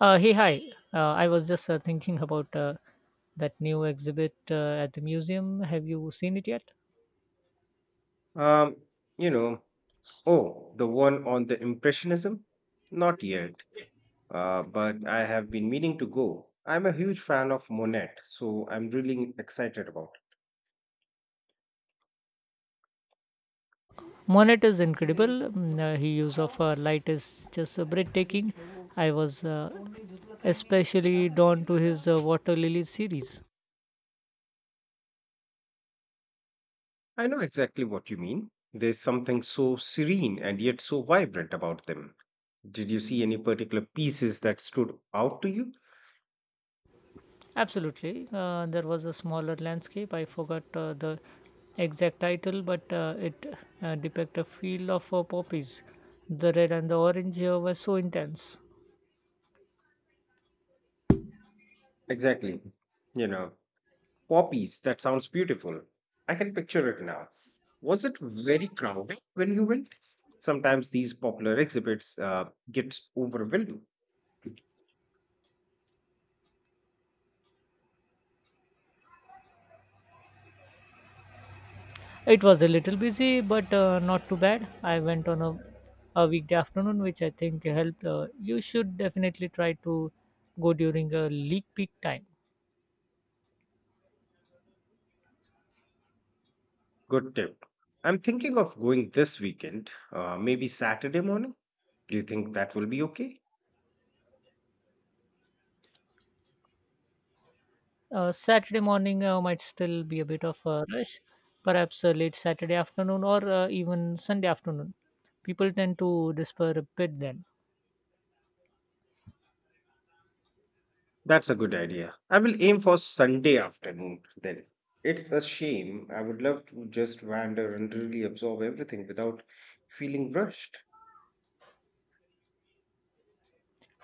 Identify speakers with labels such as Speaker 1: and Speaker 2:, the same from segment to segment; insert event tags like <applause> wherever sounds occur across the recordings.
Speaker 1: Hey, hi. I was just thinking about that new exhibit at the museum. Have you seen it yet?
Speaker 2: Um, you know, oh, the one on the Impressionism? Not yet, but I have been meaning to go. I'm a huge fan of Monet, so I'm really excited about
Speaker 1: Monet is incredible. His use of light is just breathtaking. I was especially drawn to his water lily series.
Speaker 2: it. I know exactly what you mean. There's something so serene and yet so vibrant about them. Did you see any particular pieces that stood out to you?
Speaker 1: Absolutely. There was a smaller landscape. I forgot the exact title, but it depicted a field of poppies. The red and the orange were so intense.
Speaker 2: Exactly. You know, Poppies, that sounds beautiful. I can picture it now. Was it very crowded when you went? Sometimes these popular exhibits get overwhelming.
Speaker 1: It was a little busy, but not too bad. I went on a weekday afternoon, which I think helped. You should definitely try to go during a leak peak time.
Speaker 2: Good tip. I'm thinking of going this weekend, maybe Saturday morning. Do you think that will be okay?
Speaker 1: Saturday morning might still be a bit of a rush, perhaps a late Saturday afternoon or even Sunday afternoon. People tend to disperse a bit then.
Speaker 2: That's a good idea. I will aim for Sunday afternoon then. It's a shame. I would love to just wander and really absorb everything without feeling rushed.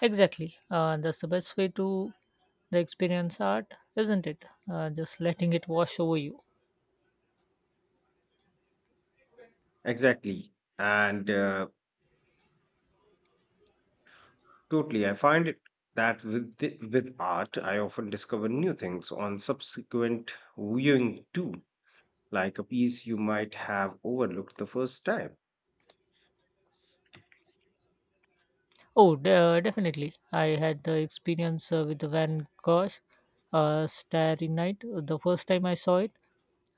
Speaker 1: Exactly. That's the best way to the experience art, isn't it? Just letting it wash over you.
Speaker 2: Exactly. And Totally. I find it that with art, I often discover new things on subsequent viewing too, like a piece you might have overlooked the first time.
Speaker 1: Oh, definitely. I had the experience with Van Gogh's Starry Night. The first time I saw it,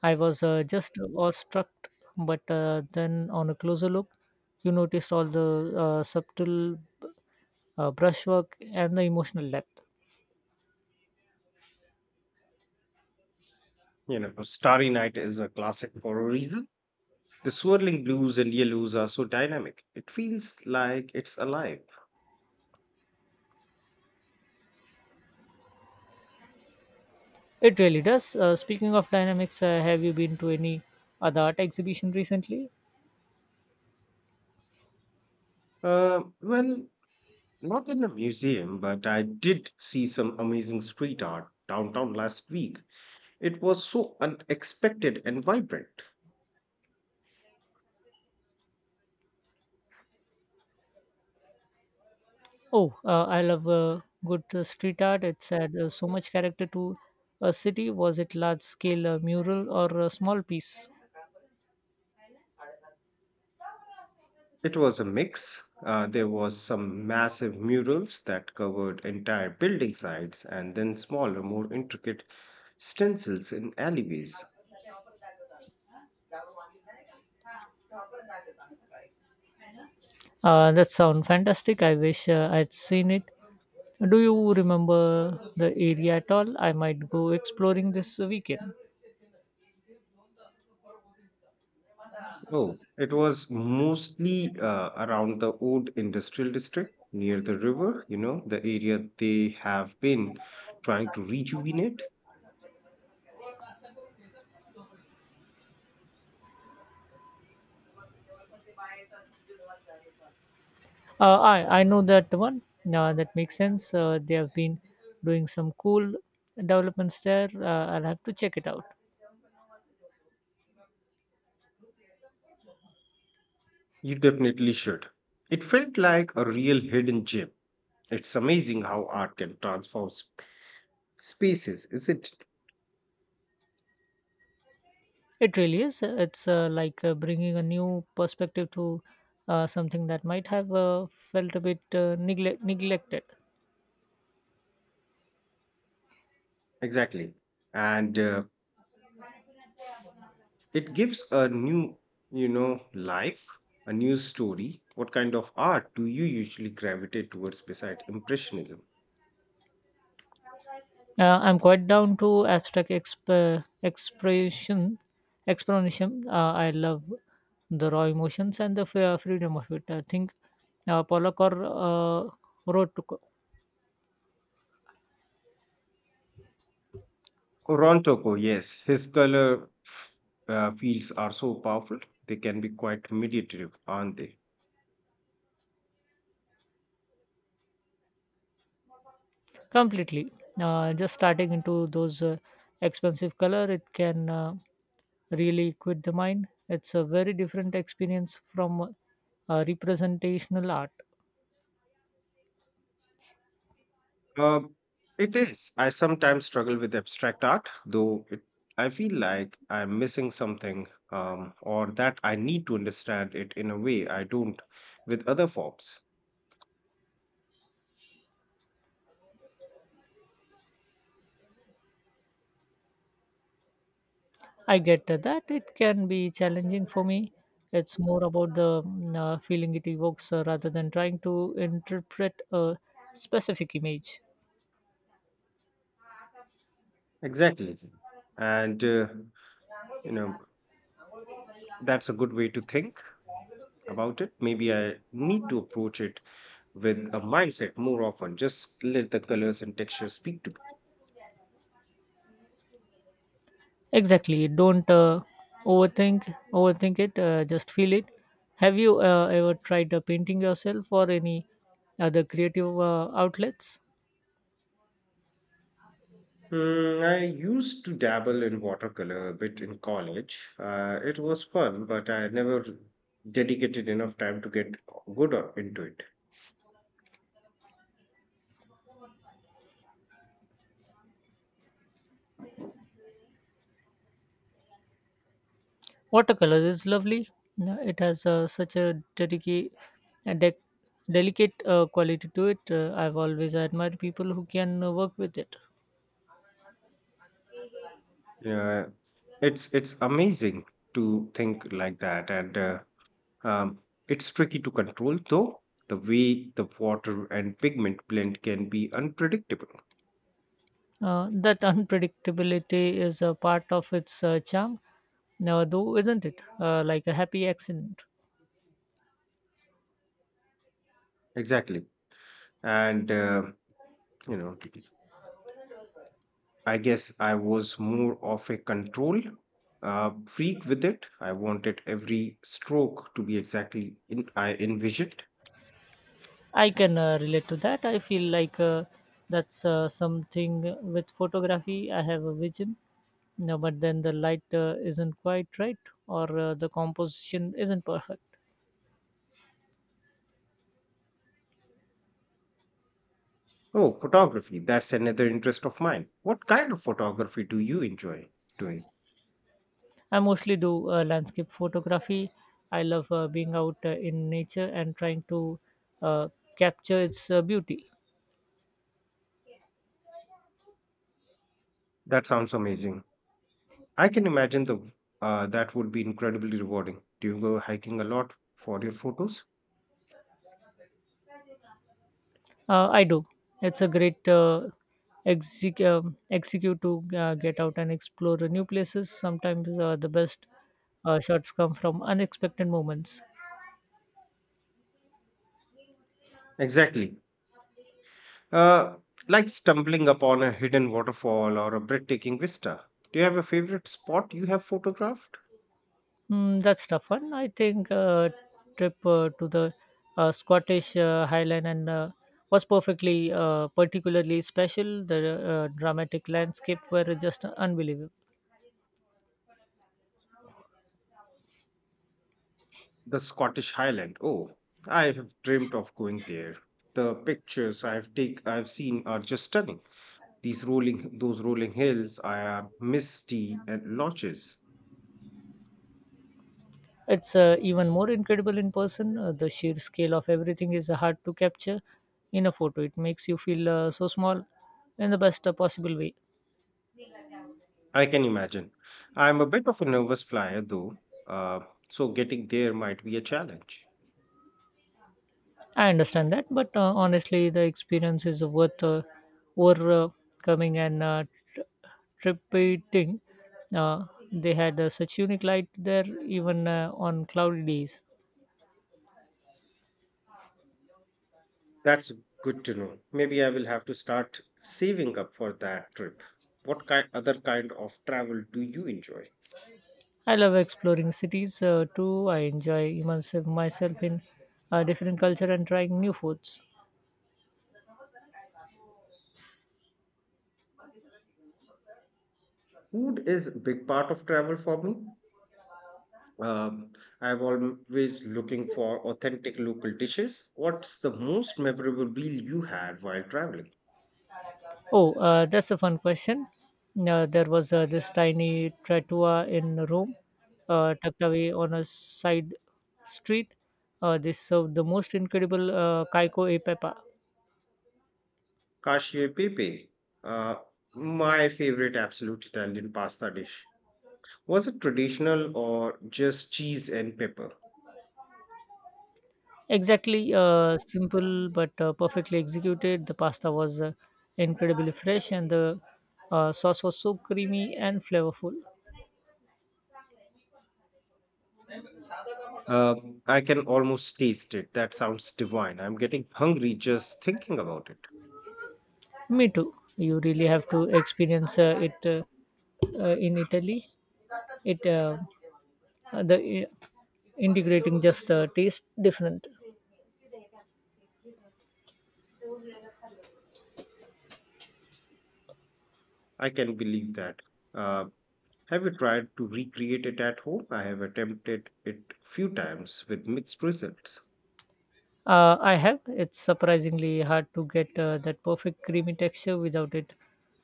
Speaker 1: I was just awestruck, but then on a closer look, you noticed all the subtle brushwork and the emotional depth.
Speaker 2: You know, Starry Night is a classic for a reason. The swirling blues and yellows are so dynamic. It feels like it's alive.
Speaker 1: It really does. Speaking of dynamics, have you been to any other art exhibition recently?
Speaker 2: Well, not in a museum, but I did see some amazing street art downtown last week. It was so unexpected and vibrant.
Speaker 1: Oh, I love good street art. It's had so much character to a city. Was it large scale mural or a small piece?
Speaker 2: It was a mix. There was some massive murals that covered entire building sides and then smaller, more intricate stencils in alleyways.
Speaker 1: That sounds fantastic. I wish I'd seen it. Do you remember the area at all? I might go exploring this weekend.
Speaker 2: Oh, it was mostly around the old industrial district near the river, you know, the area they have been trying to rejuvenate.
Speaker 1: I know that one. That makes sense. They have been doing some cool developments there. I'll have to check it out.
Speaker 2: You definitely should. It felt like a real hidden gem. It's amazing how art can transform spaces, isn't it?
Speaker 1: It really is. It's like bringing a new perspective to something that might have felt a bit neglected.
Speaker 2: Exactly. And It gives a new, you know, life, a new story. What kind of art do you usually gravitate towards beside Impressionism?
Speaker 1: I'm quite down to abstract expression, explanation. I love the raw emotions and the freedom of it. I think Pollock or Rothko.
Speaker 2: Oh, Ron Toko, yes. His fields are so powerful, they can be quite meditative, aren't they?
Speaker 1: Completely. Just starting into those expensive color, it can really quit the mind. It's a very different experience from representational art.
Speaker 2: Um, it is. I sometimes struggle with abstract art, though it, I feel like I'm missing something or that I need to understand it in a way I don't with other forms.
Speaker 1: I get that it can be challenging for me. It's more about the feeling it evokes rather than trying to interpret a specific image.
Speaker 2: Exactly. And, uh, you know, that's a good way to think about it. Maybe I need to approach it with a mindset more often, just let the colors and textures speak to me.
Speaker 1: Exactly. Don't overthink it. Just feel it. Have you ever tried painting yourself or any other creative outlets?
Speaker 2: I used to dabble in watercolor a bit in college. It was fun, but I never dedicated enough time to get into it.
Speaker 1: Watercolors is lovely. No, it has such a dedica- a dec delicate quality to it. I've always admired people who can work with it.
Speaker 2: Yeah, it's amazing to think like that and Um, it's tricky to control, though. The way the water and pigment blend can be unpredictable.
Speaker 1: That <laughs> unpredictability is a part of its charm, now, though, isn't it? Like a happy accident.
Speaker 2: Exactly. And, uh, you know, I guess I was more of a control freak with it. I wanted every stroke to be exactly in, I envisioned.
Speaker 1: I can relate to that. I feel like that's something with photography. I have a vision, no, but then the light isn't quite right or the composition isn't perfect.
Speaker 2: Oh, photography. That's another interest of mine. What kind of photography do you enjoy doing?
Speaker 1: I mostly do landscape photography. I love being out in nature and trying to uh, capture its beauty.
Speaker 2: That sounds amazing. I can imagine the that would be incredibly rewarding. Do you go hiking a lot for your photos?
Speaker 1: I do. It's a great execute to get out and explore new places. Sometimes the best shots come from unexpected moments.
Speaker 2: Exactly. Uh, like stumbling upon a hidden waterfall or a breathtaking vista. Do you have a favorite spot you have photographed?
Speaker 1: Mm, that's tough one. I think trip to the Scottish Highland and was perfectly particularly special. The dramatic landscape were just unbelievable.
Speaker 2: The Scottish Highland. Oh, I have dreamt of going there. The pictures I've seen are just stunning. These rolling Those rolling hills are misty and lodges.
Speaker 1: It's even more incredible in person. The sheer scale of everything is hard to capture in a photo. It makes you feel so small in the best possible way.
Speaker 2: I can imagine. I'm a bit of a nervous flyer though, uh, so getting there might be a challenge.
Speaker 1: I understand that, but honestly, the experience is worth overcoming and tr- tripping. Uh, they had such unique light there, even on cloudy days.
Speaker 2: That's good to know. Maybe I will have to start saving up for that trip. What kind Other kind of travel do you enjoy?
Speaker 1: I love exploring cities too. I enjoy immersing myself in different culture and trying new foods.
Speaker 2: Food is a big part of travel for me. Um, I'm always looking for authentic local dishes. What's the most memorable meal you had while traveling?
Speaker 1: Oh, that's a fun question. There was this tiny trattoria in Rome, tucked away on a side street. They served the most incredible caico e pepe.
Speaker 2: Cacio e pepe, uh, my favorite absolute Italian pasta dish. Was it traditional or just cheese and pepper?
Speaker 1: Exactly, simple but perfectly executed. The pasta was incredibly fresh, and the sauce was so creamy and flavorful.
Speaker 2: Uh, I can almost taste it. That sounds divine. I'm getting hungry just thinking about it.
Speaker 1: Me too. You really have to experience it in Italy. It the integrating just taste different.
Speaker 2: I can believe that. Uh, have you tried to recreate it at home? I have attempted it a few times with mixed results.
Speaker 1: I have. It's surprisingly hard to get that perfect creamy texture without it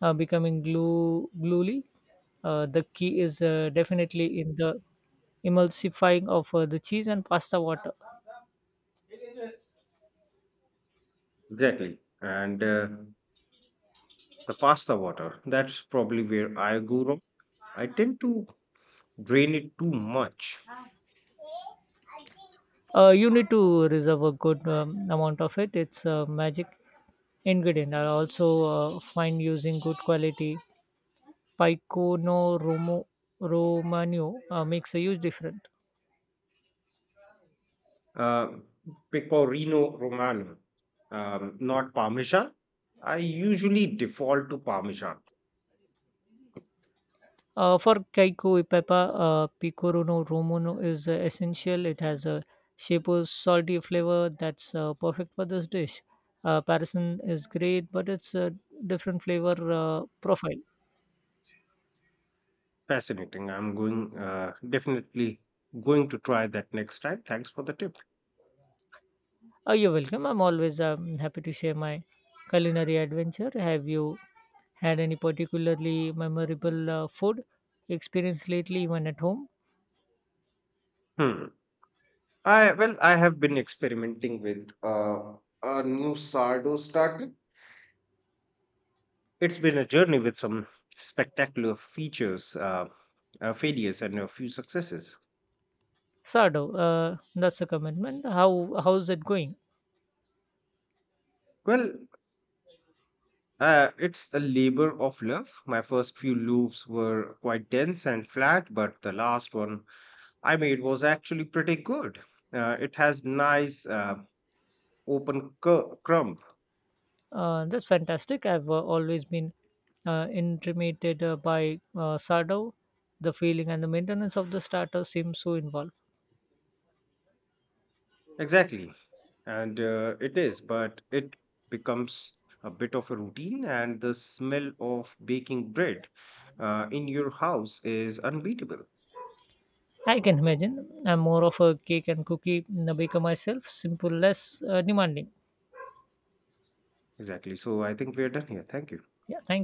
Speaker 1: becoming gluey. The key is definitely in the emulsifying of the cheese and pasta water.
Speaker 2: Exactly. And The pasta water, that's probably where I go wrong. I tend to drain it too much.
Speaker 1: You need to reserve a good amount of it. It's a magic ingredient. I also find using good quality Picono Romo, Romano makes a huge difference.
Speaker 2: Uh, pecorino romano, not parmesan. I usually default to parmesan.
Speaker 1: For Kaiko Ipepa, Picoro no Romuno is essential. It has a Shapo's salty flavor that's perfect for this dish. Parison is great, but it's a different flavor profile.
Speaker 2: Fascinating. I'm going Definitely going to try that next time. Thanks for the tip.
Speaker 1: You're welcome. I'm always happy to share my culinary adventure. Have you had any particularly memorable food experience lately, even at home?
Speaker 2: Hmm. I Well, I have been experimenting with a new sourdough starter. It's been a journey with some spectacular features, failures, and a few successes.
Speaker 1: Sardo. That's a commitment. How's it going?
Speaker 2: Well, it's a labor of love. My first few loops were quite dense and flat, but the last one I made was actually pretty good. It has nice crumb.
Speaker 1: That's fantastic. I've always been intimidated by Sardo. The feeling and the maintenance of the starter seems so involved.
Speaker 2: Exactly. And It is, but it becomes a bit of a routine, and the smell of baking bread in your house is unbeatable.
Speaker 1: I can imagine. I'm more of a cake and cookie baker myself, simple, less demanding.
Speaker 2: Exactly. So I think we're done here. Thank you.
Speaker 1: Yeah, thank you.